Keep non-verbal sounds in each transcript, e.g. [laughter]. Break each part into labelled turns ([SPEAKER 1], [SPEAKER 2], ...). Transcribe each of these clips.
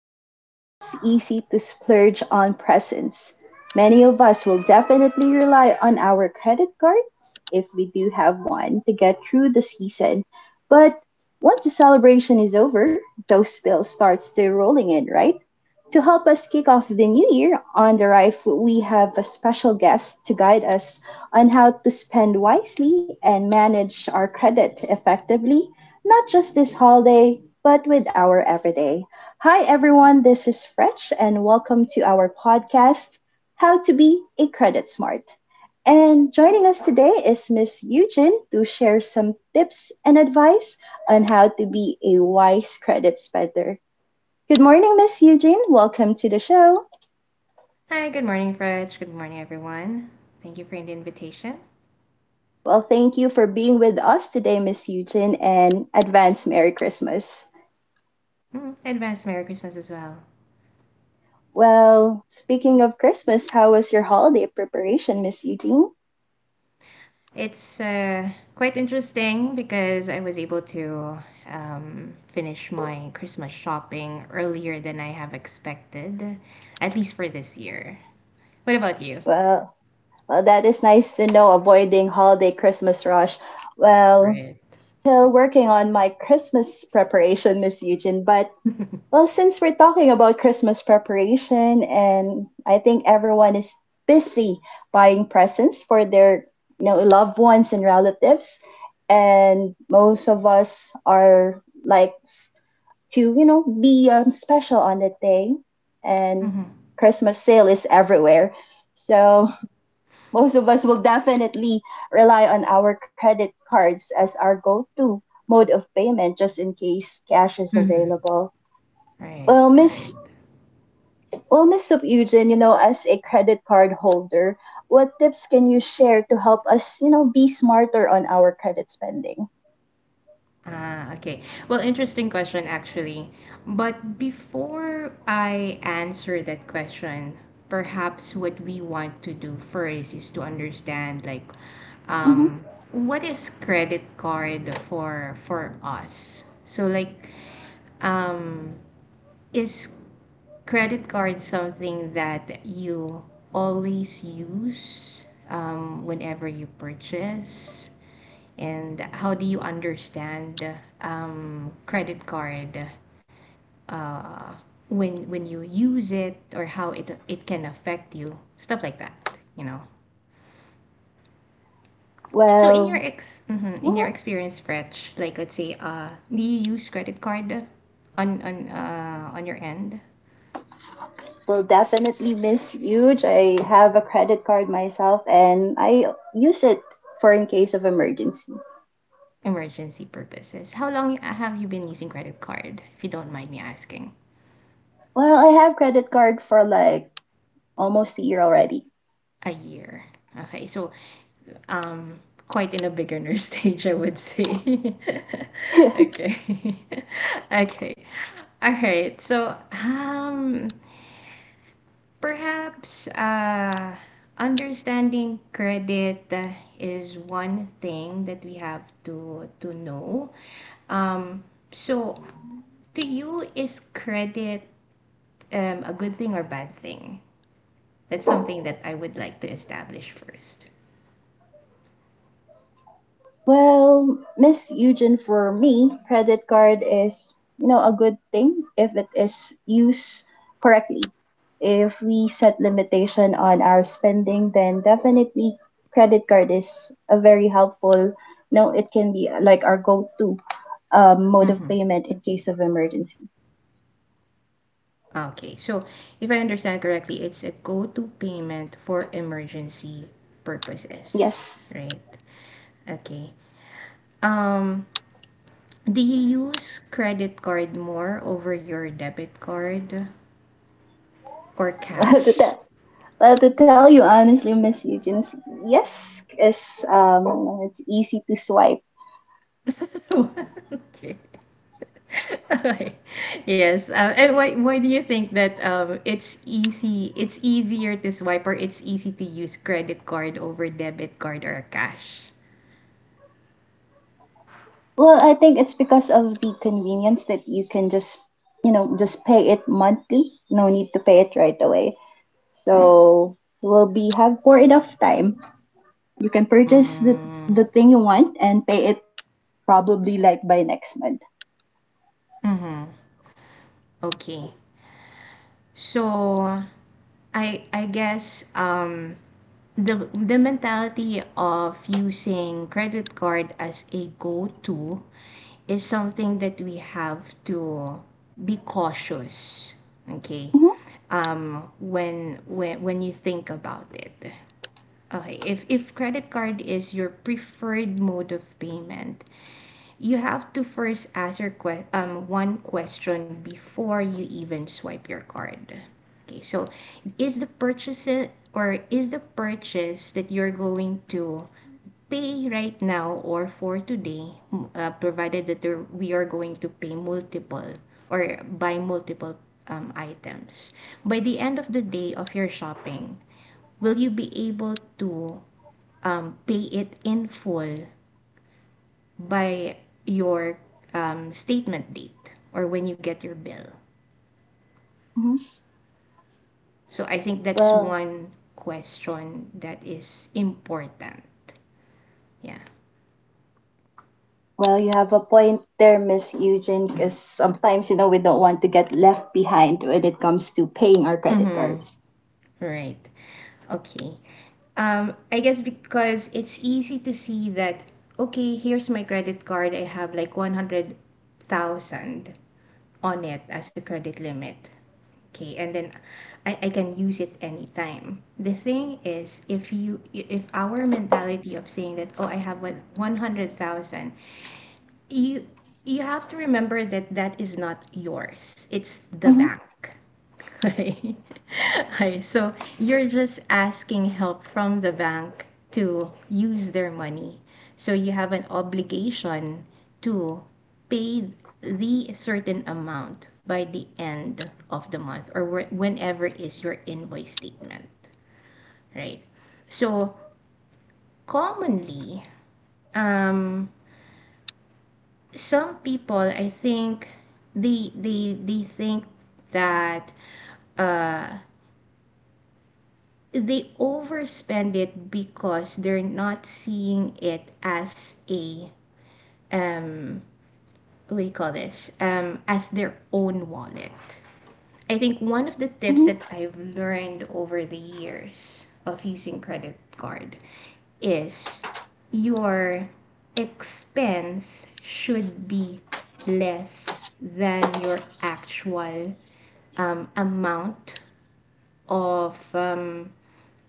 [SPEAKER 1] coming up, it's easy to splurge on presents. Many of us will definitely rely on our credit cards, if we do have one, to get through the season. But once the celebration is over, those bills starts to rolling in, right? To help us kick off the new year on the Rife, we have a special guest to guide us on how to spend wisely and manage our credit effectively, not just this holiday, but with our everyday. Hi, everyone. This is Fresh, and welcome to our podcast, How to Be a Credit Smart. And joining us today is Miss Eugene to share some tips and advice on how to be a wise credit spender. Good morning, Miss Eugene. Welcome to the show.
[SPEAKER 2] Hi, good morning, Fridge. Good morning, everyone. Thank you for the invitation.
[SPEAKER 1] Well, thank you for being with us today, Miss Eugene, and advance Merry Christmas.
[SPEAKER 2] Mm, advance Merry Christmas as well.
[SPEAKER 1] Well, speaking of Christmas, how was your holiday preparation, Miss Eugene?
[SPEAKER 2] It's quite interesting because I was able to finish my Christmas shopping earlier than I have expected, at least for this year. What about you?
[SPEAKER 1] Well, Well, that is nice to know, avoiding holiday Christmas rush. Well,
[SPEAKER 2] Right.
[SPEAKER 1] still working on my Christmas preparation, Miss Eugene, but well, since we're talking about Christmas preparation and I think everyone is busy buying presents for their loved ones and relatives, and most of us are like to be special on that day, and
[SPEAKER 2] Mm-hmm.
[SPEAKER 1] Christmas sale is everywhere. So most of us will definitely rely on our credit cards as our go to mode of payment just in case cash is
[SPEAKER 2] Mm-hmm.
[SPEAKER 1] available.
[SPEAKER 2] Right,
[SPEAKER 1] Well, Miss
[SPEAKER 2] right.
[SPEAKER 1] well, Miss Sub Eugene, you know, as a credit card holder, what tips can you share to help us, you know, be smarter on our credit spending?
[SPEAKER 2] Ah, okay. Well, interesting question, actually. But before I answer that question, perhaps what we want to do first is to understand, like,
[SPEAKER 1] Hmm.
[SPEAKER 2] um, what is credit card for us? So, like, um, is credit card something that you always use whenever you purchase? And how do you understand credit card uh, when you use it or how it can affect you, stuff like that you know so in your
[SPEAKER 1] Well,
[SPEAKER 2] in your
[SPEAKER 1] mhm.
[SPEAKER 2] experience, Fretch, like, let's say, do you use credit card on your end?
[SPEAKER 1] Well, definitely, Miss Huge. I have a credit card myself, and I use it for in case of emergency.
[SPEAKER 2] Emergency purposes. How long have you been using credit card, if you don't mind me asking?
[SPEAKER 1] Well, I have credit card for like almost a year already.
[SPEAKER 2] A year. Okay. So, um, quite in a beginner [laughs] stage, I would say. [laughs]
[SPEAKER 1] [laughs]
[SPEAKER 2] Okay. [laughs] Okay. All right. So, um, perhaps understanding credit is one thing that we have to know. Um, so, to you, is credit a good thing or bad thing? That's something that I would like to establish first.
[SPEAKER 1] Well, Miss Eugen, for me, credit card is, you know, a good thing if it is used correctly. If we set limitation on our spending, then definitely credit card is a very helpful, no, it can be like our go-to mode of payment in case of emergency.
[SPEAKER 2] Okay, so if I understand correctly, it's a go-to payment for emergency
[SPEAKER 1] Yes.
[SPEAKER 2] purposes,
[SPEAKER 1] [laughs]
[SPEAKER 2] right? Okay. Um, do you use credit card more over your debit card or
[SPEAKER 1] Well, to,
[SPEAKER 2] cash?
[SPEAKER 1] tell well, to tell you honestly, Miss Eugen, yes, is you know, it's easy to swipe.
[SPEAKER 2] [laughs] Okay. [laughs] Okay. Yes. And why do you think that it's easy, it's easier to swipe, or it's easy to use credit card over debit card or cash?
[SPEAKER 1] Well, I think it's because of the convenience that you can just, you know, just pay it monthly. No need to pay it right away. So we will be have for enough time. You can purchase the
[SPEAKER 2] Mm,
[SPEAKER 1] thing you want and pay it probably like by next month.
[SPEAKER 2] mm-hmm. Okay. So I guess the mentality of using credit card as a go-to is something that we have to be cautious.
[SPEAKER 1] Mhm,
[SPEAKER 2] Okay. When when you think about it. Okay, if credit card is your preferred mode of payment, you have to first ask your one question before you even swipe your card. Okay, so is the purchase, or is the purchase that you're going to pay right now or for today, provided that there, we are going to pay multiple or buy multiple items. By the end of the day of your shopping, will you be able to pay it in full by your statement date or when you get your bill.
[SPEAKER 1] mhm.
[SPEAKER 2] So I think that's
[SPEAKER 1] Well,
[SPEAKER 2] one question that is important. Yeah.
[SPEAKER 1] well, you have a point there, Miss Eugene, because sometimes, you know, we don't want to get left behind when it comes to paying our credit
[SPEAKER 2] Mm-hmm.
[SPEAKER 1] cards.
[SPEAKER 2] Right. Okay. I guess because it's easy to see that, okay, here's my credit card. I have like 100,000 on it as a credit limit. Okay, and then I can use it anytime. The thing is, if you, if our mentality of saying that, oh, I have what, 100,000, you you have to remember that that is not yours, it's the
[SPEAKER 1] Mm-hmm.
[SPEAKER 2] bank. [laughs] Right. Right. So you're just asking help from the bank to use their money. So you have an obligation to pay the certain amount by the end of the month, or whenever is your invoice statement, right? So commonly, um, some people I think they think that they overspend it because they're not seeing it as a uh, what do you call this, as their own wallet. I think one of the tips
[SPEAKER 1] Mhm.
[SPEAKER 2] that I've learned over the years of using credit card is your expense should be less than your actual amount of um,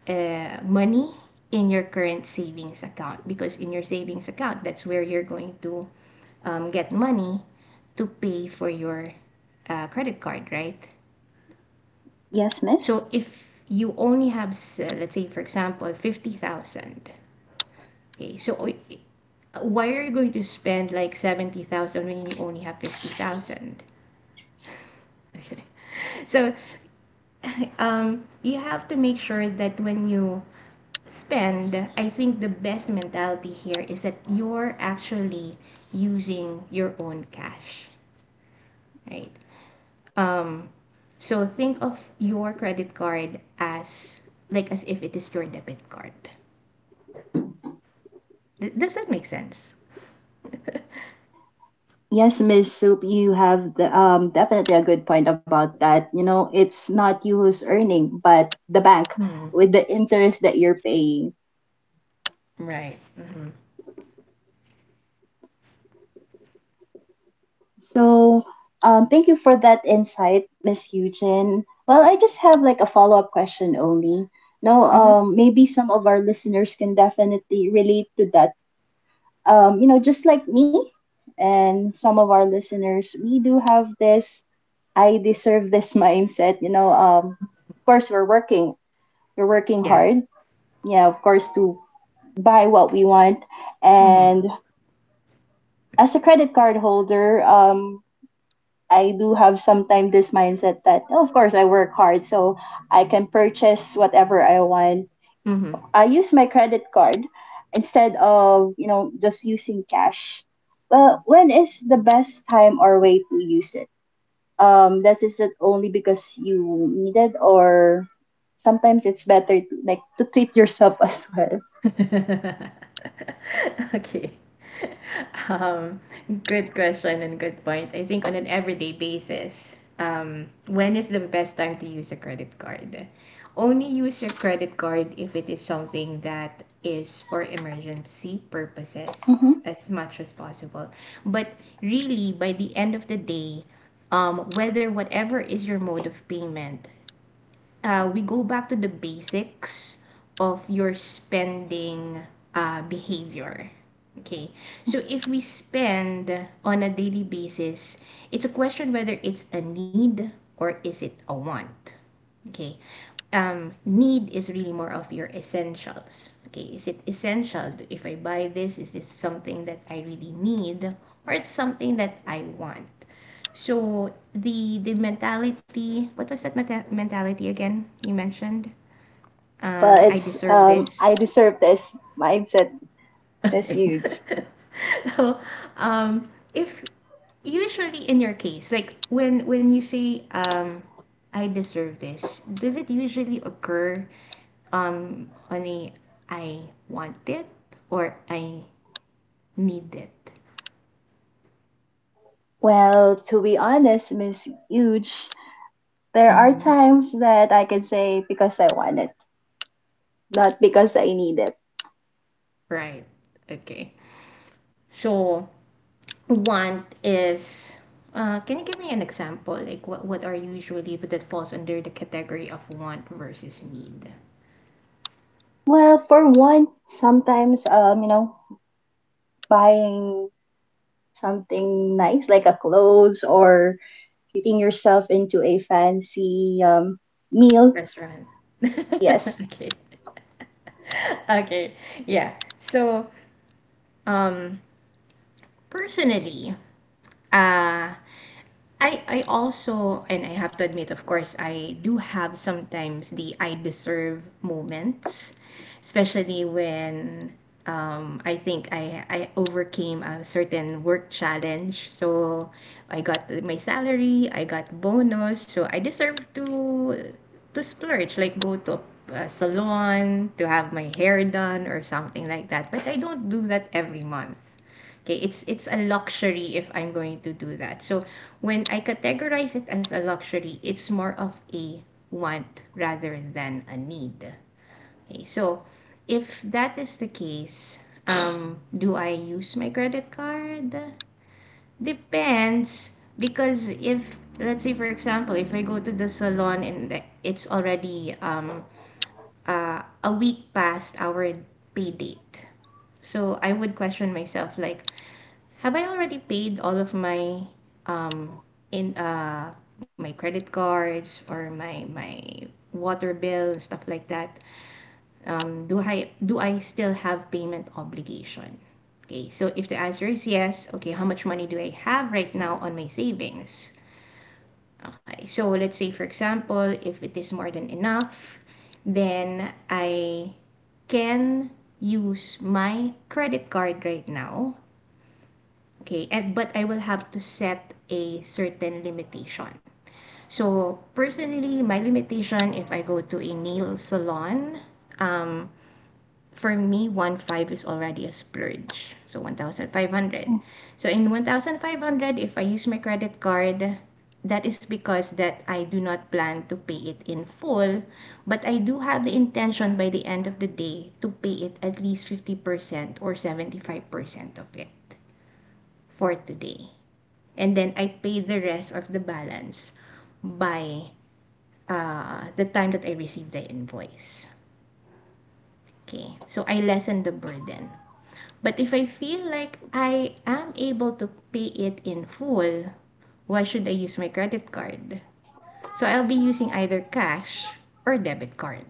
[SPEAKER 2] uh, money in your current savings account, because in your savings account, that's where you're going to get money to pay for your credit card, right?
[SPEAKER 1] Yes, miss.
[SPEAKER 2] So if you only have let's say, for example, 50,000. Okay, so, why are you going to spend like 70,000 when you only have 50,000? Okay. [laughs] So, you have to make sure that when you spend, I think the best mentality here is that you're actually using your own cash, right? Um, so think of your credit card as like as if it is your debit card. Does that make sense?
[SPEAKER 1] Yes, Miss Soup, you have the, definitely a good point about that. You know, it's not you who's earning, but the bank
[SPEAKER 2] Mm-hmm.
[SPEAKER 1] with the interest that you're paying.
[SPEAKER 2] Right. Mm-hmm.
[SPEAKER 1] So, thank you for that insight, Miss Eugen. Well, I just have like a follow-up question only. No,
[SPEAKER 2] Mm-hmm.
[SPEAKER 1] maybe some of our listeners can definitely relate to that. You know, just like me and some of our listeners, we do have this. I deserve this [laughs] mindset. You know, of course we're working
[SPEAKER 2] Yeah.
[SPEAKER 1] hard. Yeah, of course to buy what we want.
[SPEAKER 2] Mm-hmm.
[SPEAKER 1] And as a credit card holder, I do have sometimes this mindset that "Oh, of course I work hard, so I can purchase whatever I want.
[SPEAKER 2] Mm-hmm.
[SPEAKER 1] I use my credit card instead of just using cash. Well, when is the best time or way to use it? This is not only because you needed, or sometimes it's better to like to treat yourself [laughs] as well.
[SPEAKER 2] [laughs] Okay. um Good question and good point. I think on an everyday basis, um, when is the best time to use a credit card? Only use your credit card if it is something that is for emergency purposes
[SPEAKER 1] Hmm,
[SPEAKER 2] as much as possible. But really, by the end of the day, whether whatever is your mode of payment, we go back to the basics of your spending behavior. Okay, so if we spend on a daily basis, it's a question whether it's a need or is it a want. Okay. Need is really more of your essentials. Okay. Is it essential? If I buy this, is this something that I really need, or it's something that I want? So the mentality, what was that mentality again? You mentioned,
[SPEAKER 1] well
[SPEAKER 2] I
[SPEAKER 1] it's
[SPEAKER 2] deserve
[SPEAKER 1] I
[SPEAKER 2] this.
[SPEAKER 1] deserve this mindset
[SPEAKER 2] [laughs]
[SPEAKER 1] is
[SPEAKER 2] Okay.
[SPEAKER 1] huge.
[SPEAKER 2] [laughs] So, if usually in your case, like when you say, I deserve this, does it usually occur on a I want it or I need it.
[SPEAKER 1] Well, to be honest, Miss Huge, there are
[SPEAKER 2] Mm-hmm.
[SPEAKER 1] times that I can say because I want it, not because I need it.
[SPEAKER 2] Right. Okay. So want is, can you give me an example? Like what are usually that falls under the category of want versus need?
[SPEAKER 1] Well, for one, sometimes you know, buying something nice like a clothes or treating yourself into a fancy meal.
[SPEAKER 2] Restaurant. [laughs]
[SPEAKER 1] Yes.
[SPEAKER 2] Okay. [laughs] Okay. Yeah. So um personally, uh I also, and I have to admit, of course, I do have sometimes the I deserve moments, especially when I think I overcame a certain work challenge. So I got my salary, I got bonus, so I deserve to splurge, like go to a salon to have my hair done or something like that. But I don't do that every month. Okay, it's a luxury if I'm going to do that. So when I categorize it as a luxury, it's more of a want rather than a need. Okay, so if that is the case, do I use my credit card? Depends, because if let's say, for example, if I go to the salon and it's already a week past our pay date, so I would question myself like, have I already paid all of my um in my credit cards or my water bill and stuff like that? Do I still have payment obligation? Okay, so if the answer is yes, okay, how much money do I have right now on my savings? Okay, so let's say, for example, if it is more than enough, then I can use my credit card right now. Okay, and but I will have to set a certain limitation. So personally, my limitation if I go to a nail salon, for me, 1,500 is already a splurge. So 1,500. So in 1,500, if I use my credit card, that is because that I do not plan to pay it in full, but I do have the intention by the end of the day to pay it at least 50% or 75% of it for today, and then I pay the rest of the balance by the time that I receive the invoice. Okay, so I lessen the burden. But if I feel like I am able to pay it in full, why should I use my credit card? So I'll be using either cash or debit card,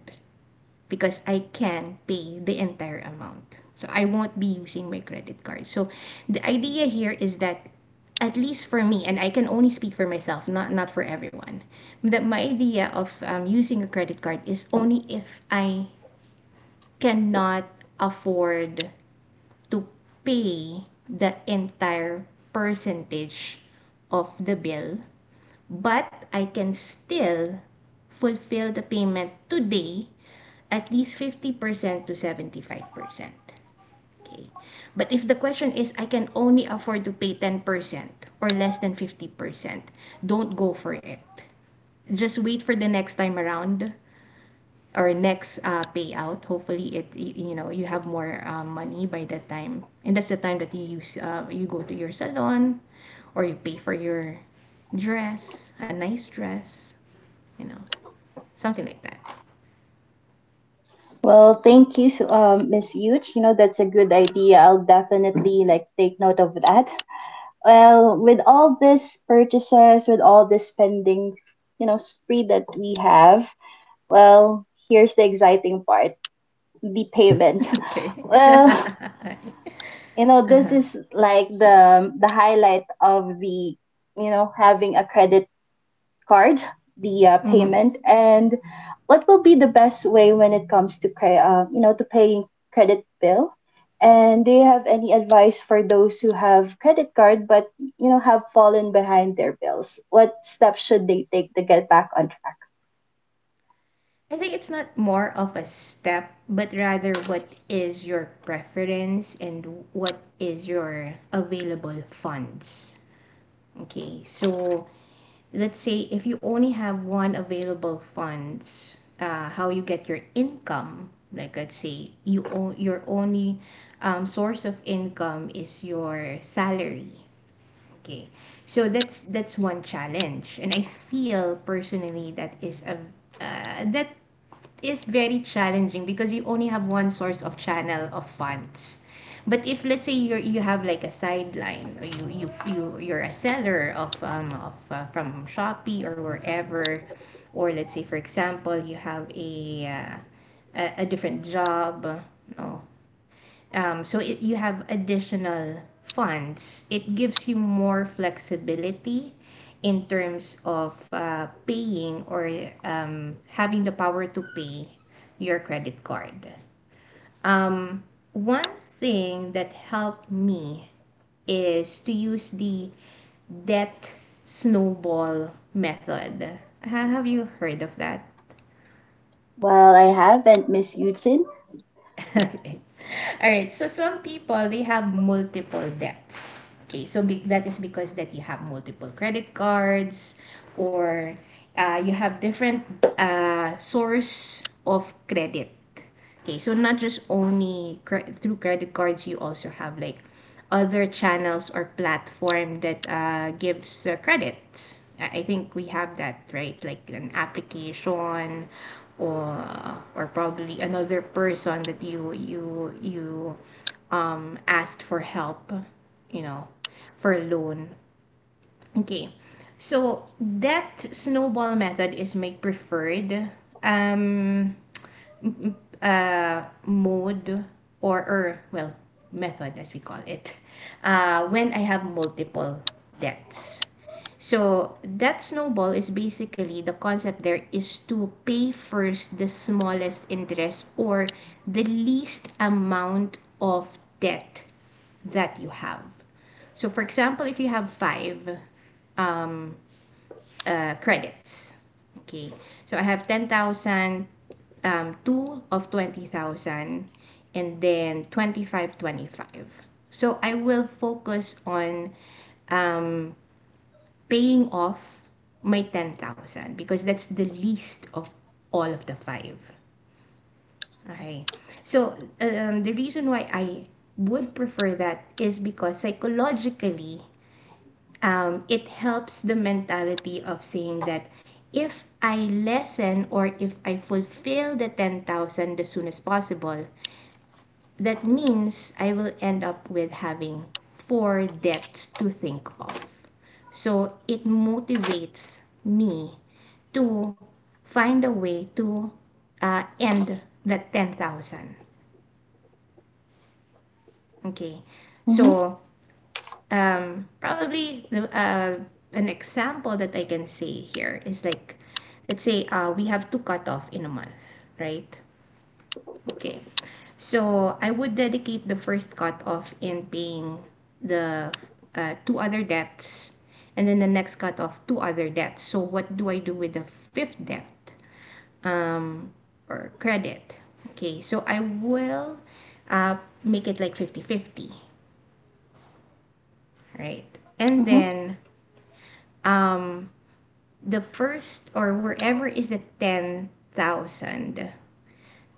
[SPEAKER 2] because I can pay the entire amount. So I won't be using my credit card. So the idea here is that, at least for me, and I can only speak for myself, not for everyone, that my idea of using a credit card is only if I cannot afford to pay the entire percentage of the bill, but I can still fulfill the payment today at least 50% to 75%. Okay. But if the question is, I can only afford to pay 10% or less than 50%, don't go for it. Just wait for the next time around, or next payout. Hopefully, it you know you have more money by that time, and that's the time that you use, you go to your salon, or you pay for your dress, a nice dress, you know, something like that.
[SPEAKER 1] Well, thank you, Miss Huge. You know, that's a good idea. I'll definitely like take note of that. Well, with all these purchases, with all this spending, you know, spree that we have, well, here's the exciting part, the
[SPEAKER 2] [laughs]
[SPEAKER 1] payment. [laughs]
[SPEAKER 2] Okay.
[SPEAKER 1] Well,
[SPEAKER 2] [laughs]
[SPEAKER 1] you know this
[SPEAKER 2] Uh-huh.
[SPEAKER 1] is like the highlight of the, you know, having a credit card, the
[SPEAKER 2] Mhm.
[SPEAKER 1] payment, and what will be the best way when it comes to you know, to paying credit bill, and do you have any advice for those who have credit card but you know have fallen behind their bills? What steps should they take to get back on track?
[SPEAKER 2] I think it's not more of a step, but rather what is your preference and what is your available funds. Okay, so let's say if you only have one available funds, how you get your income, like let's say you own your only source of income is your salary. Okay, so that's one challenge, and I feel personally that is a that is very challenging because you only have one source of channel of funds. But if let's say you have like a sideline, or you're a seller of from Shopee or wherever, or let's say, for example, you have a different job. No. So you have additional funds. It gives you more flexibility in terms of paying, or having the power to pay your credit card. Um, One thing that helped me is to use the debt snowball method. Have you heard of that?
[SPEAKER 1] Well, I haven't, Miss Eugene.
[SPEAKER 2] [laughs] Okay. All right. So some people, they have multiple debts. Okay. So that is because that you have multiple credit cards, or you have different source of credit. Okay. So not just only through credit cards, you also have like other channels or platform that gives credit. I think we have that, right, like an application, or probably another person that you asked for help, you know, for a loan. Okay, so that snowball method is my preferred. Um, m- Mode, or well, method, as we call it, when I have multiple debts. So that snowball is basically, the concept there is to pay first the smallest interest, or the least amount of debt that you have. So, for example, if you have five um, credits. Okay. So I have 10,000, two of 20,000, and then 25, 25. So I will focus on um, paying off my 10,000, because that's the least of all of the five. Okay. So the reason why I would prefer that is because, psychologically, it helps the mentality of saying that if I lessen, or if I fulfill the 10,000 as soon as possible, that means I will end up with having four debts to think of. So it motivates me to find a way to end that 10,000. Okay.
[SPEAKER 1] Mm-hmm,
[SPEAKER 2] So probably an example that I can say here is, like, let's say we have to cut off in a month, right? Okay. So I would dedicate the first cutoff in paying the two other debts, and then the next cutoff two other debts. So what do I do with the fifth debt? Um, or credit. Okay, so I will uh, make it like fifty fifty, right? And
[SPEAKER 1] mm-hmm.
[SPEAKER 2] then, um, the first, or wherever is the 10,000,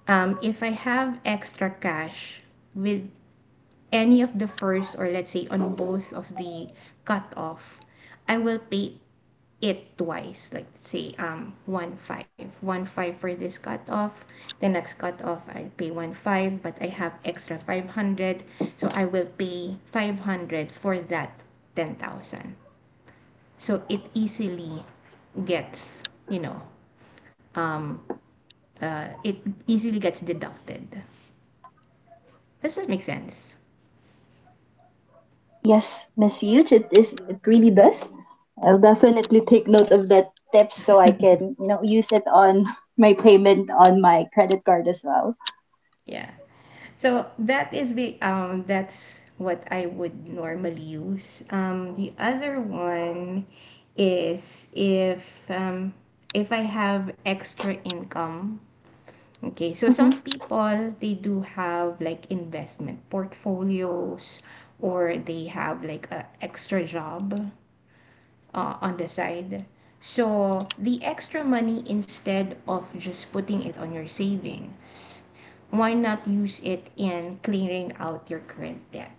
[SPEAKER 2] if I have extra cash with any of the first, or let's say on both of the cutoff, I will pay it twice. Like, let's say, one five, one five for this cutoff. The next cutoff I pay one five, but I have extra 500, so I will pay 500 for that 10,000. So gets you know it easily gets deducted. Does that make sense?
[SPEAKER 1] Yes, Miss Eugene, it really does. I'll definitely take note of that tip so I can, you know, use it on [laughs] my payment on my credit card as well.
[SPEAKER 2] Yeah. So that is be that's what I would normally use. The other one is um if I have extra income. Okay, so some
[SPEAKER 1] Mm-hmm,
[SPEAKER 2] people, they do have like investment portfolios, or they have like a extra job on the side. So the extra money, instead of just putting it on your savings, why not use it in clearing out your current debt,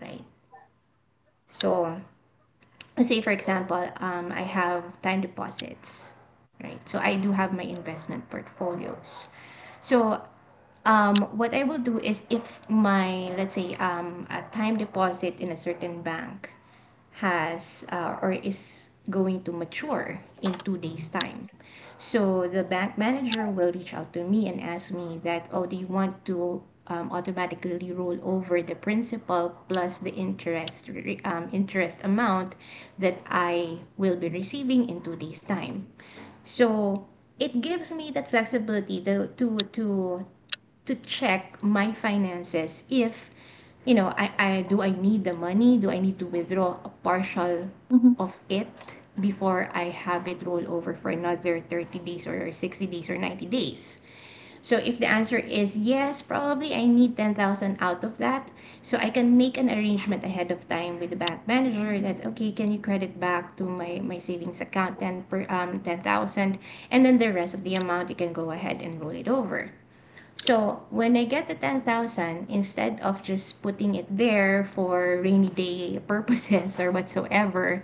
[SPEAKER 2] right? So, say, for example, I have time deposits, right? So I do have my investment portfolios. So, what I will do is, if my, let's say, a time deposit in a certain bank has or is going to mature in 2 days' time. So the bank manager will reach out to me and ask me that, oh, do you want to automatically roll over the principal plus the interest amount that I will be receiving in 2 days' time. So it gives me that flexibility to check my finances, if I need the money. Do I need to withdraw a partial
[SPEAKER 1] mm-hmm,
[SPEAKER 2] of it before I have it roll over for another 30 days, or 60 days, or 90 days? So if the answer is yes, probably I need 10,000 out of that, so I can make an arrangement ahead of time with the bank manager, that, okay, can you credit back to my savings account 10 per um 10,000, and then the rest of the amount you can go ahead and roll it over. So when I get the 10,000, instead of just putting it there for rainy day purposes or whatsoever,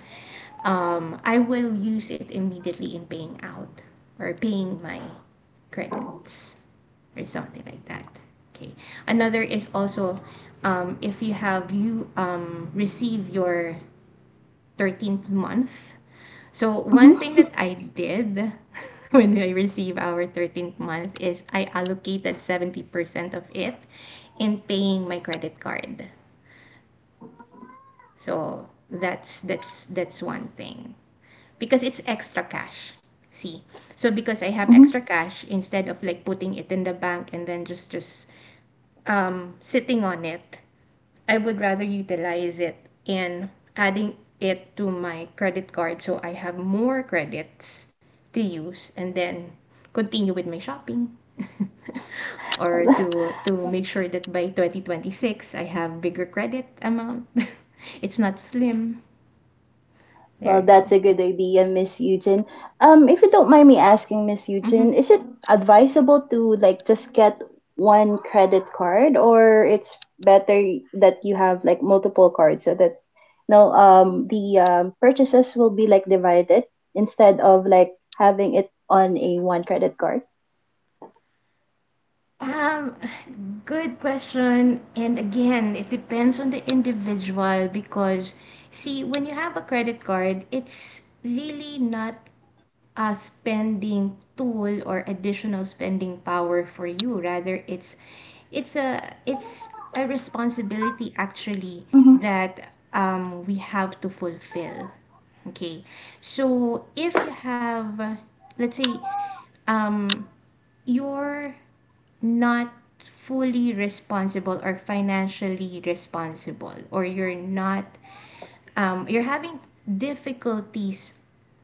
[SPEAKER 2] I will use it immediately in paying out, or paying my credits, or something like that. Okay. Another is also, if you receive your 13th month. So one thing
[SPEAKER 1] mm-hmm,
[SPEAKER 2] that I did [laughs] when I received our 13th month is, I allocated 70% of it in paying my credit card. So that's one thing, because it's extra cash. See. So because I have
[SPEAKER 1] mm-hmm.
[SPEAKER 2] extra cash, instead of like putting it in the bank and then just sitting on it, I would rather utilize it in adding it to my credit card, so I have more credits to use and then continue with my shopping. [laughs] Or
[SPEAKER 1] [laughs]
[SPEAKER 2] to make sure that by 2026 I have bigger credit amount. [laughs] It's not slim. There
[SPEAKER 1] Well,
[SPEAKER 2] you
[SPEAKER 1] that's a
[SPEAKER 2] go.
[SPEAKER 1] good idea, Miss Eugene. If you don't mind me asking, Miss
[SPEAKER 2] Mhm.
[SPEAKER 1] Eugene, is it advisable to like just get one credit card, or it's better that you have like multiple cards so that no, the purchases will be like divided instead of like having it on a one credit card?
[SPEAKER 2] Um, Good question. And again, it depends on the individual because, see, when you have a credit card, it's really not a spending tool or additional spending power for you. Rather, it's a responsibility, actually,
[SPEAKER 1] Mm-hmm.
[SPEAKER 2] that we have to fulfill. Okay, so if you have let's say, um, you're not fully responsible, or financially responsible, or you're not you're having difficulties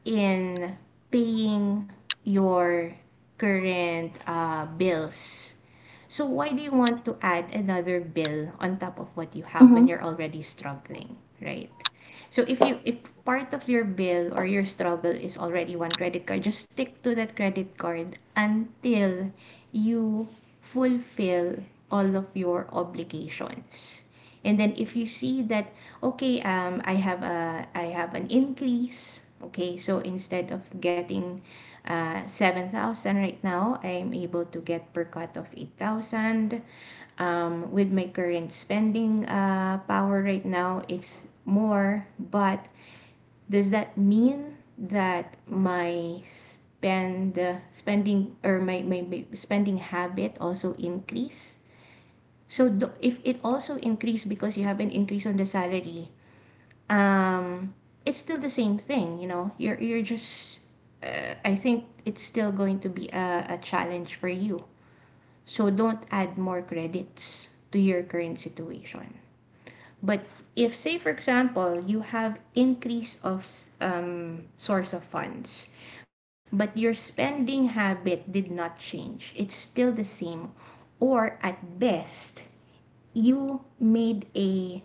[SPEAKER 2] in paying your current bills, so why do you want to add another bill on top of what you have when
[SPEAKER 1] Mm-hmm.
[SPEAKER 2] you're already struggling, right? So if you if part of your bill, or your struggle, is already one credit card, just stick to that credit card until you fulfill all of your obligations. And then if you see that, okay, I have an increase, okay? So instead of getting 7,000 right now, I'm able to get per cut of 8,000. With my current spending power right now, it's more. But does that mean that my spending, or my spending habit also increase? So, if it also increase because you have an increase on the salary, um, it's still the same thing. You're just. I think it's still going to be a challenge for you. So don't add more credits to your current situation. But if, say, for example, you have increase of source of funds, but your spending habit did not change, it's still the same, or at best, you made a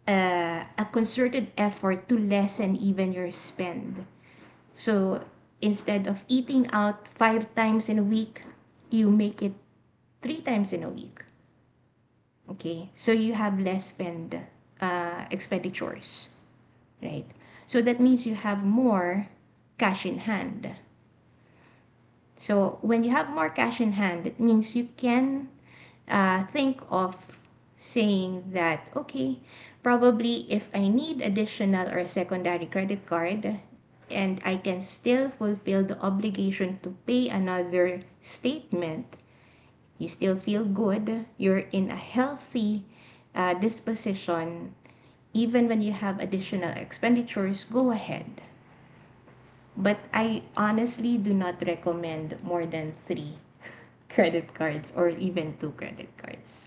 [SPEAKER 2] uh, a concerted effort to lessen even your spend. So instead of eating out five times in a week, you make it three times in a week. Okay, so you have less spend expenditures, right? So that means you have more cash in hand. So when you have more cash in hand, it means you can think of saying that, okay, probably if I need additional or secondary credit card, and I can still fulfill the obligation to pay another statement, you still feel good, you're in a healthy disposition, even when you have additional expenditures, go ahead. But I honestly do not recommend more than three credit cards, or even two credit cards,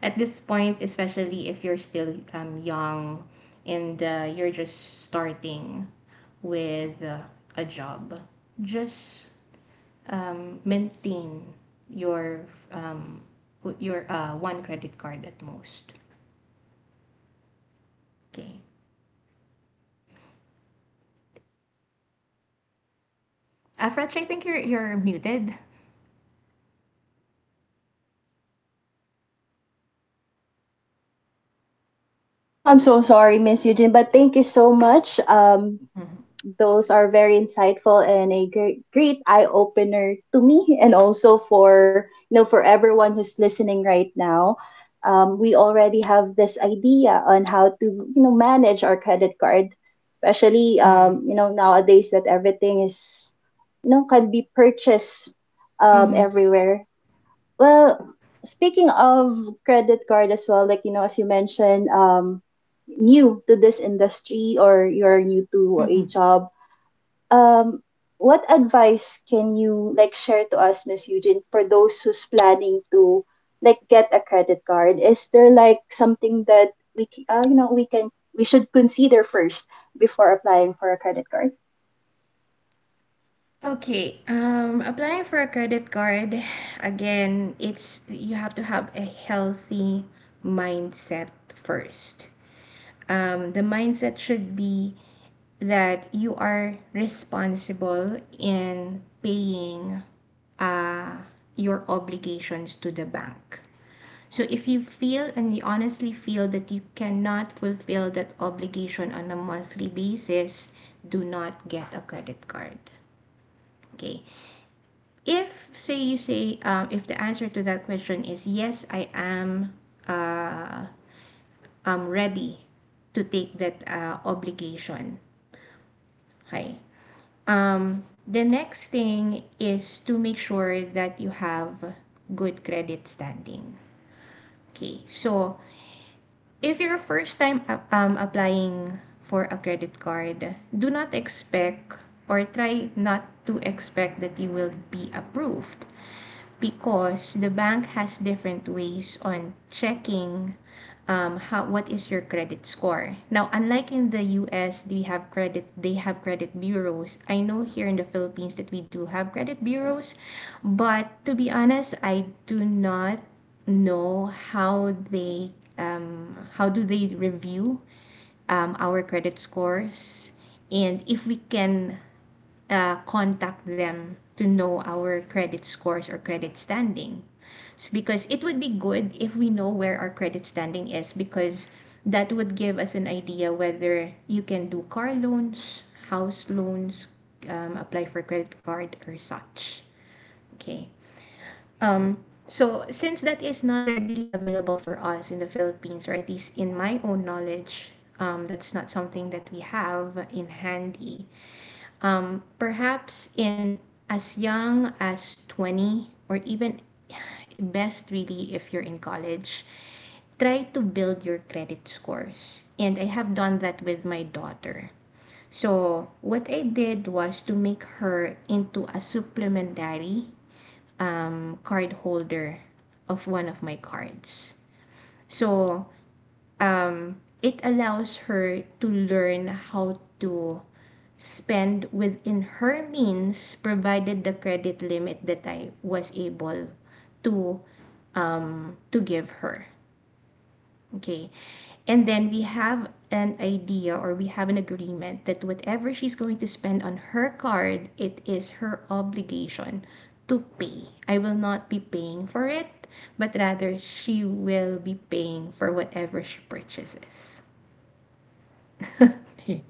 [SPEAKER 2] at this point, especially if you're still young, and you're just starting with a job. Just maintain your um, your one credit card at most. Okay. Fretch, I think you're muted.
[SPEAKER 1] Hear me now? I'm so sorry, Miss Eugene, but thank you so much.
[SPEAKER 2] Mm-hmm.
[SPEAKER 1] Those are very insightful and a great, great eye opener to me, and also for you know for everyone who's listening right now. We already have this idea on how to you know manage our credit card, especially
[SPEAKER 2] Mm.
[SPEAKER 1] you know nowadays that everything is you know can be purchased
[SPEAKER 2] Mm-hmm.
[SPEAKER 1] everywhere. Well, speaking of credit card as well, like you know, as you mentioned, new to this industry or you're new to a
[SPEAKER 2] Mm-hmm.
[SPEAKER 1] job, um, what advice can you like share to us, Miss Eugene, for those who's planning to like get a credit card? Is there like something that we you know we can, we should consider first before applying for a credit card?
[SPEAKER 2] Okay. Applying for a credit card, again, it's you have to have a healthy mindset first. The mindset should be that you are responsible in paying uh, your obligations to the bank. So if you feel, and you honestly feel, that you cannot fulfill that obligation on a monthly basis, do not get a credit card. Okay. If, say, you say if the answer to that question is yes, uh, I'm ready to take that obligation. Okay. The next thing is to make sure that you have good credit standing. Okay, so if you're first time applying for a credit card, do not expect, or try not to expect, that you will be approved, because the bank has different ways on checking how what is your credit score. Now, unlike in the US, they have credit bureaus. I know, here in the Philippines, that we do have credit bureaus, but to be honest, I do not know how do they review our credit scores, and if we can contact them to know our credit scores or credit standing. So because it would be good if we know where our credit standing is, because that would give us an idea whether you can do car loans, house loans, apply for credit card, or such. Okay. Um, so, since that is not readily available for us in the Philippines, or at least in my own knowledge, that's not something that we have in handy perhaps in as young as 20 or even best really if you're in college try to build your credit scores. And I have done that with my daughter. So, what I did was to make her into a supplementary card holder of one of my cards. So, um, it allows her to learn how to spend within her means provided the credit limit that I was able to to give her. Okay. And then we have an idea or we have an agreement that whatever she's going to spend on her card, it is her obligation to pay. I will not be paying for it, but rather she will be paying for whatever she purchases. [laughs] Okay.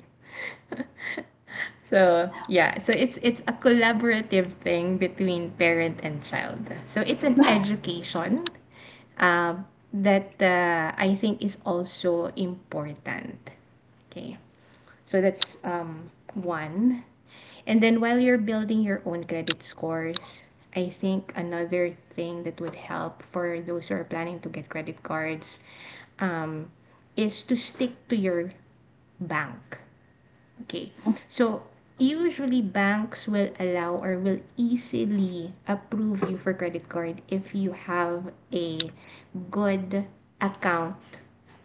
[SPEAKER 2] So yeah, so it's a collaborative thing between parent and child. So it's an education um, that I think is also important. Okay, so that's one. And then while you're building your own credit scores, I think another thing that would help for those who are planning to get credit cards is to stick to your bank. Okay. So usually banks will allow or will easily approve you for credit card if you have a good account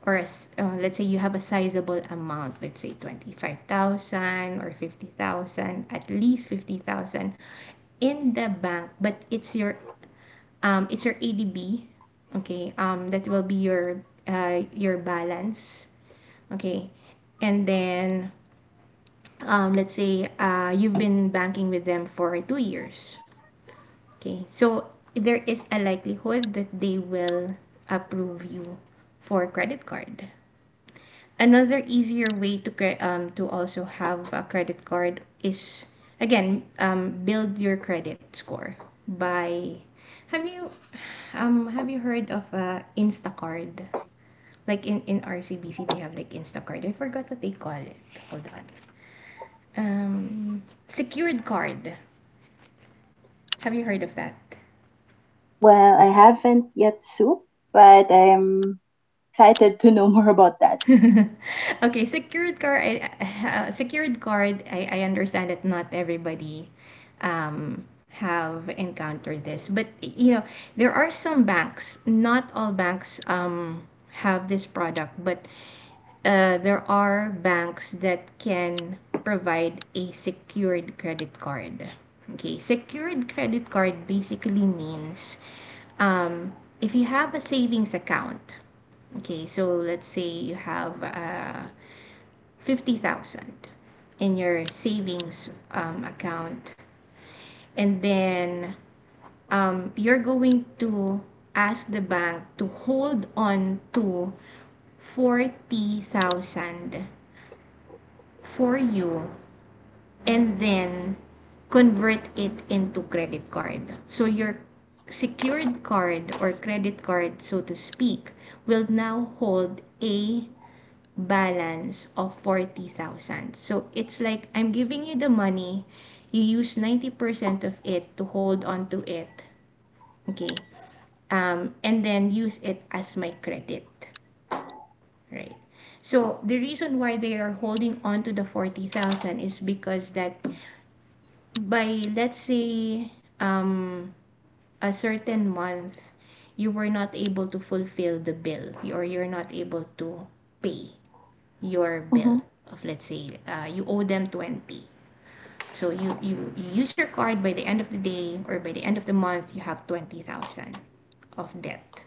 [SPEAKER 2] or a s let's say you have a sizable amount, let's say 25,000 or 50,000, at least 50,000 in the bank, but it's your ADB, okay? That will be your balance, okay? And then let's say you've been banking with them for 2 years. Okay, so there is a likelihood that they will approve you for credit card. Another easier way to to also have a credit card is again, build your credit score by have you have you heard of Instacard? Like in RCBC they have like Instacard. I forgot what they call it. Hold on. Um Secured card. Have you heard of that?
[SPEAKER 1] Well, I haven't yet, Sue, but I'm excited to know more about that.
[SPEAKER 2] [laughs] Okay, secured card. Secured card. I understand that not everybody um, have encountered this, but you know there are some banks. Not all banks have this product, but there are banks that can provide a secured credit card. Okay, secured credit card basically means, um, if you have a savings account. Okay, so let's say you have 50,000 in your savings account, and then you're going to ask the bank to hold on to 40,000 for you and then convert it into credit card. So your secured card or credit card, so to speak, will now hold a balance of 40,000. So it's like I'm giving you the money, you use 90% of it to hold on to it, okay? And then use it as my credit, right? So the reason why they are holding on to the 40,000 is because that by let's say um a certain month you were not able to fulfill the bill or you're not able to pay your bill
[SPEAKER 1] Mm-hmm.
[SPEAKER 2] of let's say you owe them 20. So you use your card by the end of the day or by the end of the month you have 20,000 of debt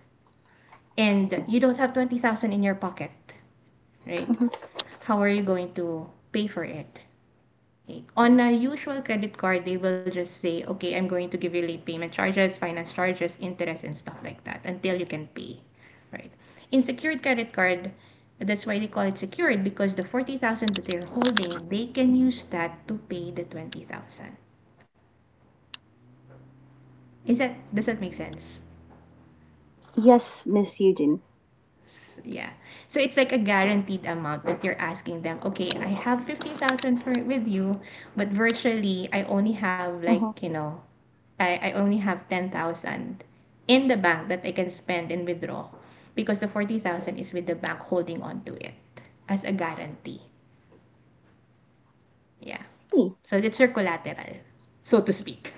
[SPEAKER 2] and you don't have 20,000 in your pocket, right? How are you going to pay for it? On a usual credit card, they will just say, okay, I'm going to give you late payment charges, finance charges, interest, and stuff like that until you can pay, right? In secured credit card, that's why they call it secured, because the 40,000 that they're holding, they can use that to pay the 20,000. Is that does that make sense?
[SPEAKER 1] Yes, Miss Eugene.
[SPEAKER 2] Yeah. So it's like a guaranteed amount that you're asking them, okay, I have 50,000 per with you, but virtually I only have
[SPEAKER 1] Hmm.
[SPEAKER 2] like, you know, I only have 10,000 in the bank that I can spend and withdraw because the 40,000 is with the bank holding on to it as a guarantee. Yeah.
[SPEAKER 1] Hey.
[SPEAKER 2] So it's your collateral, so to speak.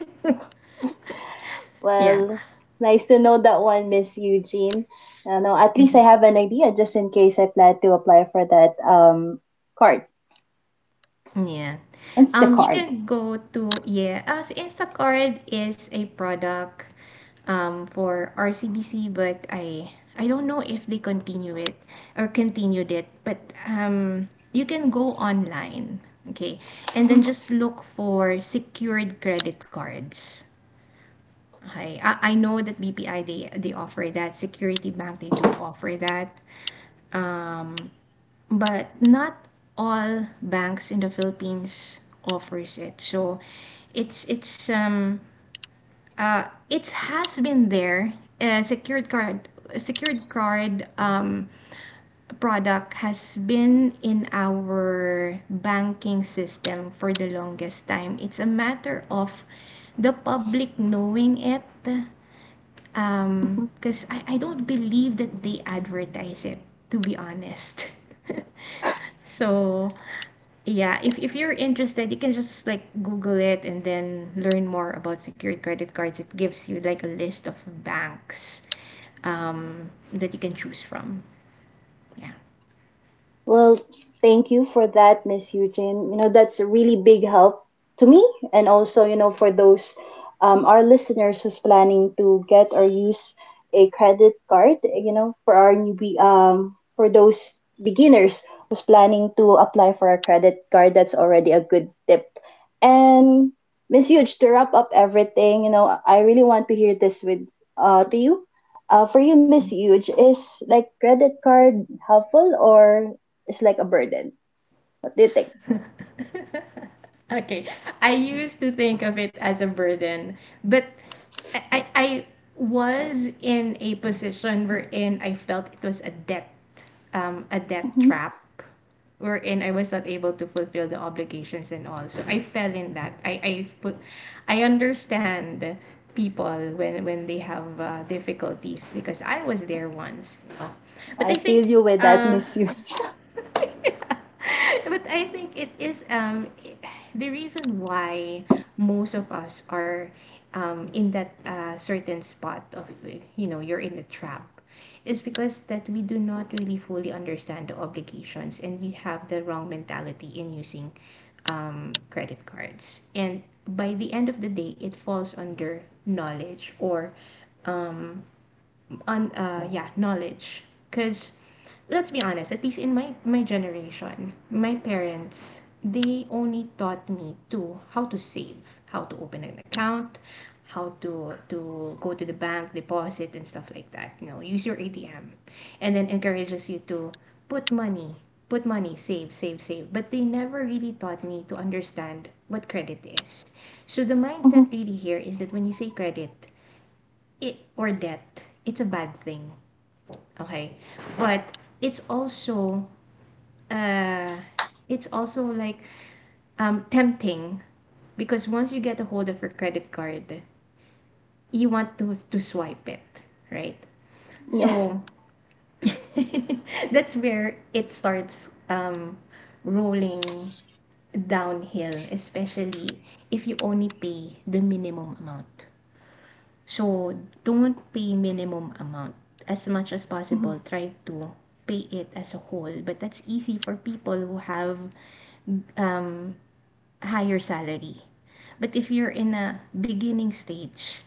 [SPEAKER 2] [laughs] Yeah.
[SPEAKER 1] Well, it's nice to know that one, Miss Eugene. You know, at least I
[SPEAKER 2] Mhm.
[SPEAKER 1] have an idea just in case I plan to apply for that card,
[SPEAKER 2] Yeah. You
[SPEAKER 1] Instacard.
[SPEAKER 2] can go to, yeah, as Instacart is a product for RCBC, but I don't know if they continue it or continued it, but you can go online, okay, and
[SPEAKER 1] Mhm.
[SPEAKER 2] then just look for secured credit cards. Okay. I know that BPI they offer that, Security Bank they do offer that, but not all banks in the Philippines offers it. So it's it's um uh it has been there. A secured card product has been in our banking system for the longest time. It's a matter of the public knowing it, because I don't believe that they advertise it, to be honest. [laughs] So yeah, if you're interested, you can just like Google it and then learn more about secured credit cards. It gives you like a list of banks that you can choose from. Yeah.
[SPEAKER 1] Well, thank you for that, Miss Eugene. You know, that's a really big help to me and also, you know, for those our listeners who's planning to get or use a credit card, you know, for our newbie, for those beginners who's planning to apply for a credit card, that's already a good tip. And Miss Huge, to wrap up everything, you know, I really want to hear this with to you. For you, Miss Huge, is like credit card helpful or it's like a burden. What do you think?
[SPEAKER 2] [laughs] Okay. I used to think of it as a burden, but I was in a position wherein I felt it was a debt
[SPEAKER 1] Mhm.
[SPEAKER 2] trap, wherein I was not able to fulfill the obligations and all. So I fell in that. I understand people when they have difficulties because I was there once. You know. But
[SPEAKER 1] I
[SPEAKER 2] I
[SPEAKER 1] feel
[SPEAKER 2] think
[SPEAKER 1] you with that,
[SPEAKER 2] uh,
[SPEAKER 1] Miss Huge.
[SPEAKER 2] [laughs] but I think it is the reason why most of us are in that certain spot of you know, you're in the trap is because that we do not really fully understand the obligations and we have the wrong mentality in using credit cards, and by the end of the day it falls under knowledge or um, on yeah, knowledge, because let's be honest, at least in my generation, my parents they only taught me to how to save, how to open an account, how to go to the bank, deposit and stuff like that. You know, use your ATM, and then encourages you to put money, put money, save, save, save. But they never really taught me to understand what credit is. So the
[SPEAKER 1] Mhm.
[SPEAKER 2] mindset really here is that when you say or debt, it's a bad thing. Okay, but it's also uh it's also like tempting, because once you get a hold of your credit card, you want to swipe it, right?
[SPEAKER 1] [laughs] Yes.
[SPEAKER 2] So [laughs] that's where it starts rolling downhill, especially if you only pay the minimum amount. So don't pay minimum amount as much as possible.
[SPEAKER 1] Mhm.
[SPEAKER 2] Try to pay it as a whole, but that's easy for people who have um higher salary. But if you're in a beginning stage,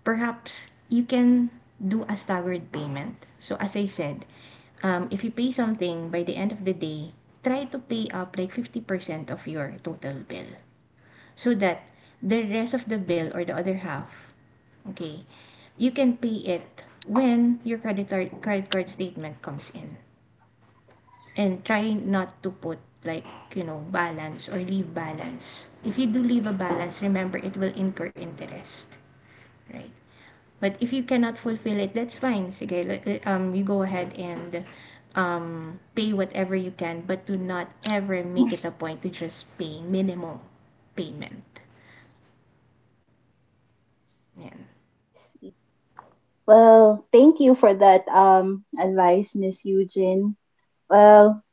[SPEAKER 2] perhaps you can do a staggered payment. So as I said, if you pay something by the end of the day, try to pay up like 50% of your total bill so that the rest of the bill or the other half, okay, you can pay it when your credit card statement comes in. And try not to put like, you know, balance or leave balance. If you do leave a balance, remember it will incur interest, right? But if you cannot fulfill it, that's fine, sige, you go ahead and pay whatever you can, but do not ever make it a point to just pay minimum payment, yan.
[SPEAKER 1] Well, thank you for that advice, Miss Eugene. Well,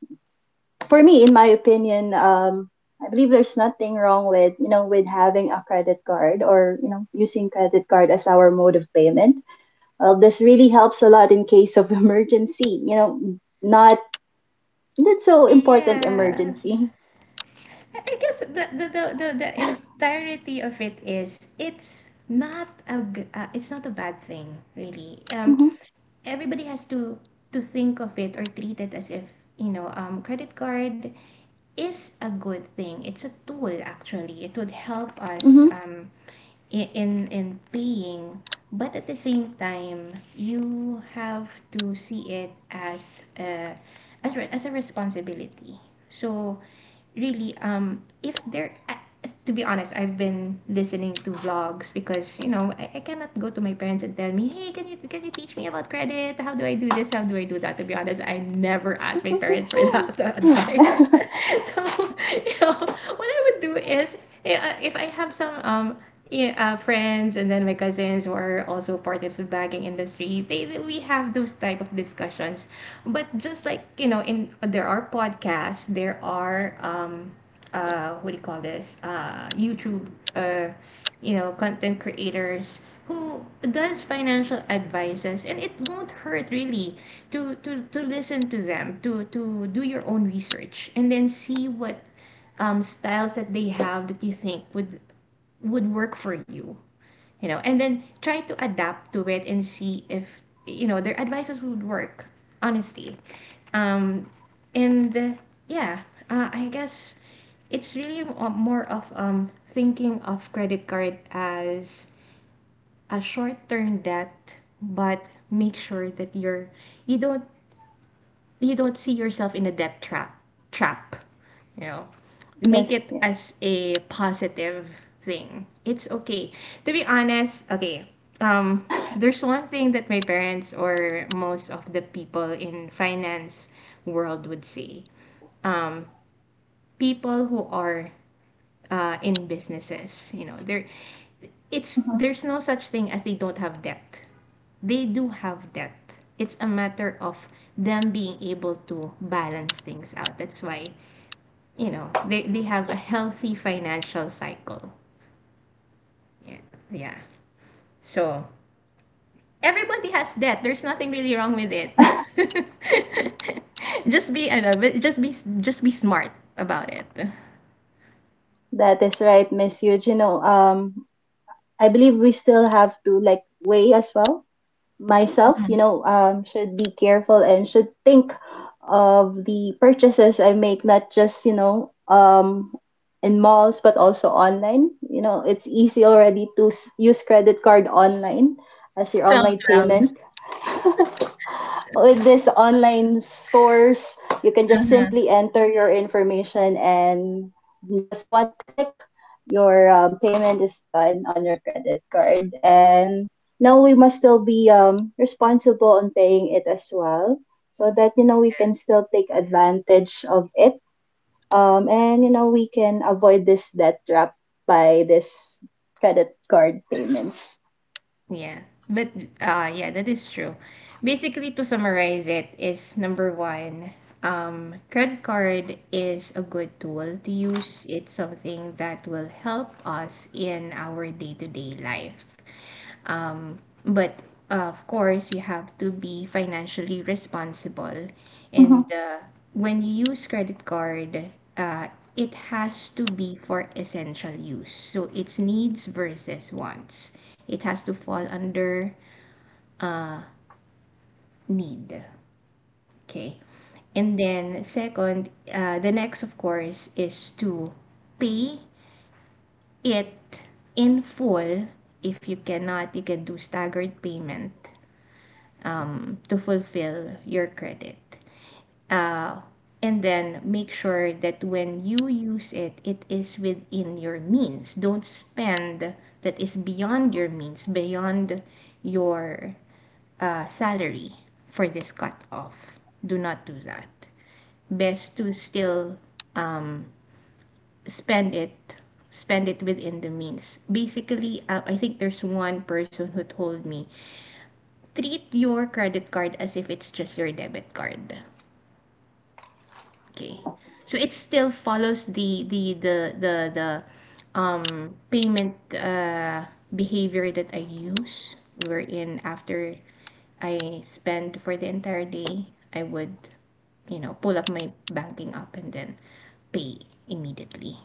[SPEAKER 1] for me, in my opinion, I believe there's nothing wrong with you know with having a credit card or you know using credit card as our mode of payment. Well, this really helps a lot in case of [laughs] emergency. You know, not not so important
[SPEAKER 2] Yeah.
[SPEAKER 1] emergency.
[SPEAKER 2] I guess the
[SPEAKER 1] [laughs]
[SPEAKER 2] entirety of it is it's not a it's not a bad thing really.
[SPEAKER 1] Mm-hmm,
[SPEAKER 2] Everybody has to think of it or treat it as if, you know, credit card is a good thing, it's a tool actually, it would help us in paying, but at the same time you have to see it as a as a responsibility. So really, if there to be honest, I've been listening to vlogs because, you know, I cannot go to my parents and tell me, hey, can you teach me about credit, how do I do this, how do I do that? To be honest, I never asked my parents for [laughs] that advice.
[SPEAKER 1] mm-hmm. [laughs]
[SPEAKER 2] [laughs] So you know what I would do is if I have some yeah, friends and then my cousins who are also part of the banking industry, they, we have those type of discussions. But just like, you know, in there are podcasts, there are what do you call this? YouTube, uh, you know, content creators who does financial advices, and it won't hurt really to listen to them, to do your own research, and then see what styles that they have that you think would work for you, you know, and then try to adapt to it and see if, you know, their advices would work honestly. um and Yeah, I guess it's really more of thinking of credit card as a short-term debt, but make sure that you're you don't you don't see yourself in a debt trap. trap you know, make
[SPEAKER 1] Yes,
[SPEAKER 2] it
[SPEAKER 1] yes.
[SPEAKER 2] as a positive thing. It's okay, to be honest. Okay. um if there's one thing that my parents or most of the people in finance world would say, um people who are in businesses, you know, they're
[SPEAKER 1] Mhm.
[SPEAKER 2] it's, there's no such thing as they don't have debt. They do have that. It's a matter of them being able to balance things out. That's why, you know, they have a healthy financial cycle. Yeah. Yeah. So everybody has that. There's nothing really wrong with it.
[SPEAKER 1] [laughs]
[SPEAKER 2] [laughs] just be, I know, but just be smart about it.
[SPEAKER 1] That is right, Miss Huge. You know, I believe we still have to like weigh as well. Myself, you know, should be careful and should think of the purchases I make, not just, you know, in malls, but also online. You know, it's easy already to use credit card online as your
[SPEAKER 2] 12
[SPEAKER 1] online
[SPEAKER 2] 12.
[SPEAKER 1] payment. [laughs] With these online stores, you can just
[SPEAKER 2] Uh-huh.
[SPEAKER 1] simply enter your information and just one click, your payment is done on your credit card. And now we must still be responsible on paying it as well, so that you know we can still take advantage of it, and you know we can avoid this debt trap by this credit card payments.
[SPEAKER 2] Yeah, but yeah, that is true. Basically, to summarize it, is number one, credit card is a good tool to use. It's something that will help us in our day to day life. Um, but Of course, you have to be financially responsible,
[SPEAKER 1] Mhm.
[SPEAKER 2] and when you use credit card, uh, it has to be for essential use. So it's needs versus wants. It has to fall under, uh, need. Okay. And then second, the next, of course, is to pay it in full. If you cannot, you can do staggered payment to fulfill your credit. uh, and then make sure that when you use it, it is within your means. Don't spend that is beyond your means, beyond your salary for this cutoff. Do not do that. Best to still spend it spend it within the means. Basically, I think there's one person who told me, treat your credit card as if it's just your debit card. Okay, so it still follows the payment behavior that I use, wherein after I spend for the entire day, I would, you know, pull up my banking app and then pay immediately,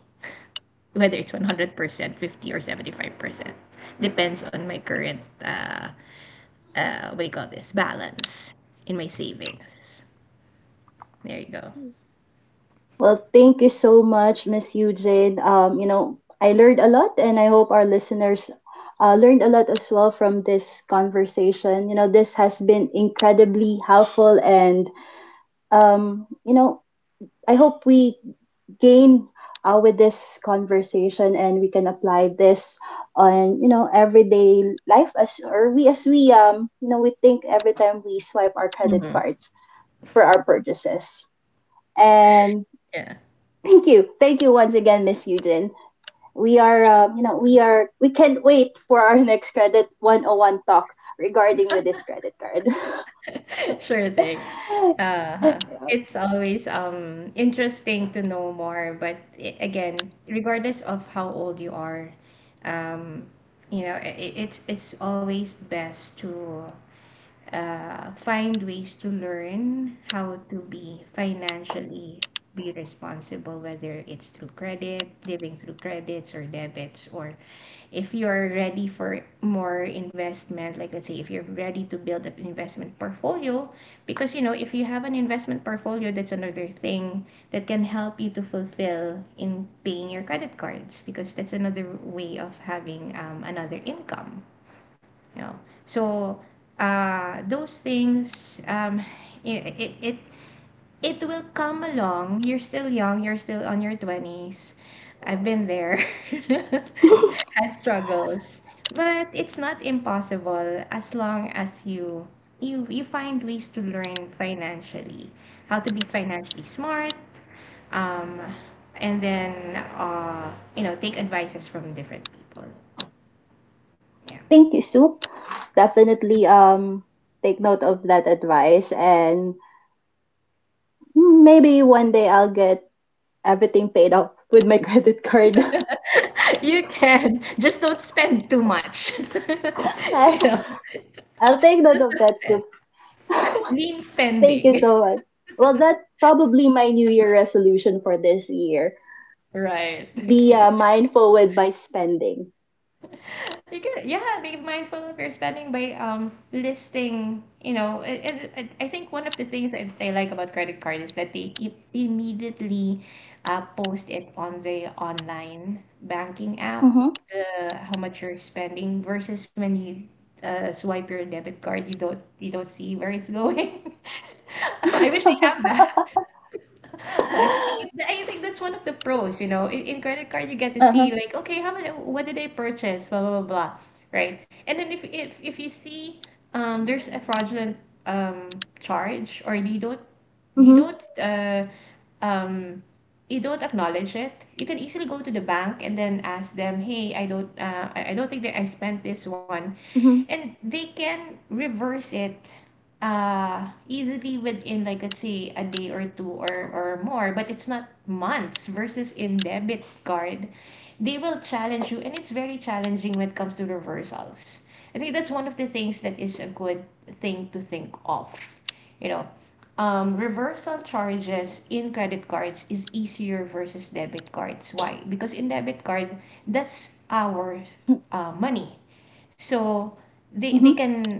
[SPEAKER 2] whether it's 100% 50 or 75%, depends on my current what do you call this, balance in my savings. There you go.
[SPEAKER 1] Well, thank you so much, Miss Eugene. You know I learned a lot, and I hope our listeners learned a lot as well from this conversation. You know this has been incredibly helpful, and you know I hope we gain with this conversation and we can apply this on you know everyday life as or we as we you know we think every time we swipe our credit
[SPEAKER 2] Mhm.
[SPEAKER 1] cards for our purchases, and
[SPEAKER 2] Yeah.
[SPEAKER 1] thank you, thank you once again, Miss Eugene. We are you know we are, we can't wait for our [laughs] next Credit 101 talk regarding with this credit card.
[SPEAKER 2] [laughs] Sure thing. Uh-huh.
[SPEAKER 1] [laughs]
[SPEAKER 2] It's always interesting to know more, but I, again, regardless of how old you are, um, you know, it's always best to find ways to learn how to be financially, be responsible, whether it's through credit, living through credits or debits, or if you're ready for more investment, like let's say if you're ready to build up an investment portfolio. Because you know, if you have an investment portfolio, that's another thing that can help you to fulfill in paying your credit cards, because that's another way of having another income. You know, so those things, it, it will come along. You're still young, you're still on your 20s. I've been there, [laughs] had struggles. But it's not impossible as long as you you find ways to learn financially, how to be financially smart, um, and then, you know, take advices from different people. Yeah.
[SPEAKER 1] Thank you, Sue. Definitely take note of that advice, and maybe one day I'll get everything paid off with my [laughs] credit card.
[SPEAKER 2] [laughs] you can just, don't spend too much. [laughs]
[SPEAKER 1] [laughs]
[SPEAKER 2] you know,
[SPEAKER 1] I'll take note
[SPEAKER 2] just
[SPEAKER 1] of
[SPEAKER 2] don't
[SPEAKER 1] that,
[SPEAKER 2] spend.
[SPEAKER 1] Sylvia.
[SPEAKER 2] Lean
[SPEAKER 1] [laughs] Thank you
[SPEAKER 2] spending.
[SPEAKER 1] so much. Well, that's probably my New Year resolution for this year.
[SPEAKER 2] Right. [laughs]
[SPEAKER 1] Be
[SPEAKER 2] Okay.
[SPEAKER 1] mindful with my spending.
[SPEAKER 2] You can, yeah, be mindful of your spending by listing, you know, and I think one of the things that I like about credit card is that they immediately post it on the online banking app,
[SPEAKER 1] Mm-hmm.
[SPEAKER 2] the how much you're spending versus when you swipe your debit card. You don't, see where it's going. [laughs] I wish they
[SPEAKER 1] [laughs]
[SPEAKER 2] have. [laughs] But th- I think that's one of the pros, you know. In credit card, you get to
[SPEAKER 1] Uh-huh.
[SPEAKER 2] see like, okay, how many, what did I purchase, blah blah blah, blah, right? And then if you see, there's a fraudulent charge, or you don't, you
[SPEAKER 1] Mm-hmm.
[SPEAKER 2] don't uh um you don't acknowledge it, you can easily go to the bank and then ask them, hey, I don't, I don't think that I spent this one.
[SPEAKER 1] Mm-hmm.
[SPEAKER 2] And they can reverse it easily, within, like, let's say a day or two, or more, but it's not months. Versus in debit card, they will challenge you, and it's very challenging when it comes to reversals. I think that's one of the things that is a good thing to think of, you know. Reversal charges in credit cards is easier versus debit cards. Why? Because in debit card, that's our money, so they
[SPEAKER 1] Mm-hmm.
[SPEAKER 2] can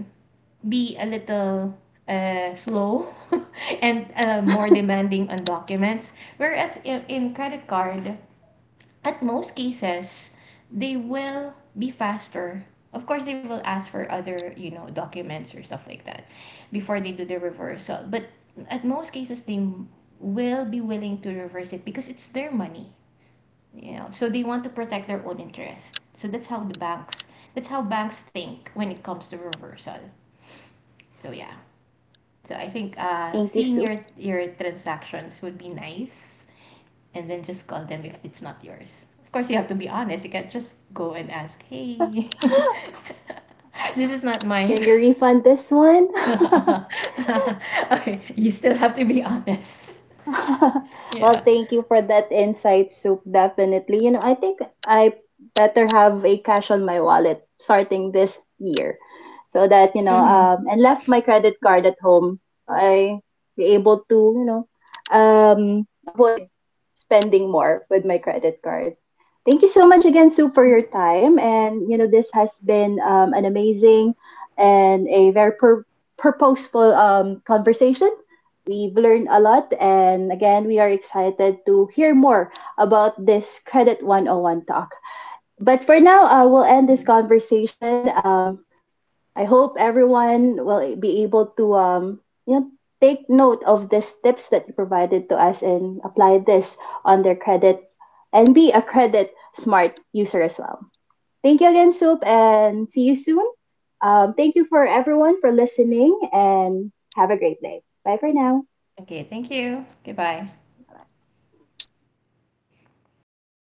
[SPEAKER 2] be a little slow, [laughs] and more demanding on documents, whereas in credit card, at most cases, they will be faster. Of course they will ask for other, you know, documents or stuff like that before they do the reversal, but at most cases, they will be willing to reverse it because it's their money. You know, so they want to protect their own interest. So that's how the banks, that's how banks think when it comes to reversal. So yeah. So I think
[SPEAKER 1] Thank you,
[SPEAKER 2] seeing
[SPEAKER 1] Sue.
[SPEAKER 2] your transactions would be nice. And then just call them if it's not yours. Of course you have to be honest. You can't just go and ask, hey, [laughs] this is not mine.
[SPEAKER 1] Can you refund this one?
[SPEAKER 2] [laughs]
[SPEAKER 1] [laughs]
[SPEAKER 2] okay, you still have to be honest.
[SPEAKER 1] [laughs] Well,
[SPEAKER 2] Yeah.
[SPEAKER 1] thank you for that insight, Soup. Definitely. You know, I think I better have a cash on my wallet starting this year so that, you know,
[SPEAKER 2] Mm-hmm.
[SPEAKER 1] and left my credit card at home. I be able to, you know, avoid spending more with my credit card. Thank you so much again, Soup, for
[SPEAKER 2] Mm-hmm.
[SPEAKER 1] your time. And, you know, this has been an amazing and a very purposeful conversation. We've learned a lot, and again, we are excited to hear more about this Credit 101 talk. But for now, I will end this
[SPEAKER 2] Mm-hmm.
[SPEAKER 1] conversation. I hope everyone will be able to you know, take note of these tips that you provided to us and apply this on their credit and be a credit smart user as well. Thank you again, Soup, and see you soon. Thank you for everyone for listening and have a great day. Bye for now.
[SPEAKER 2] Okay, thank you, goodbye.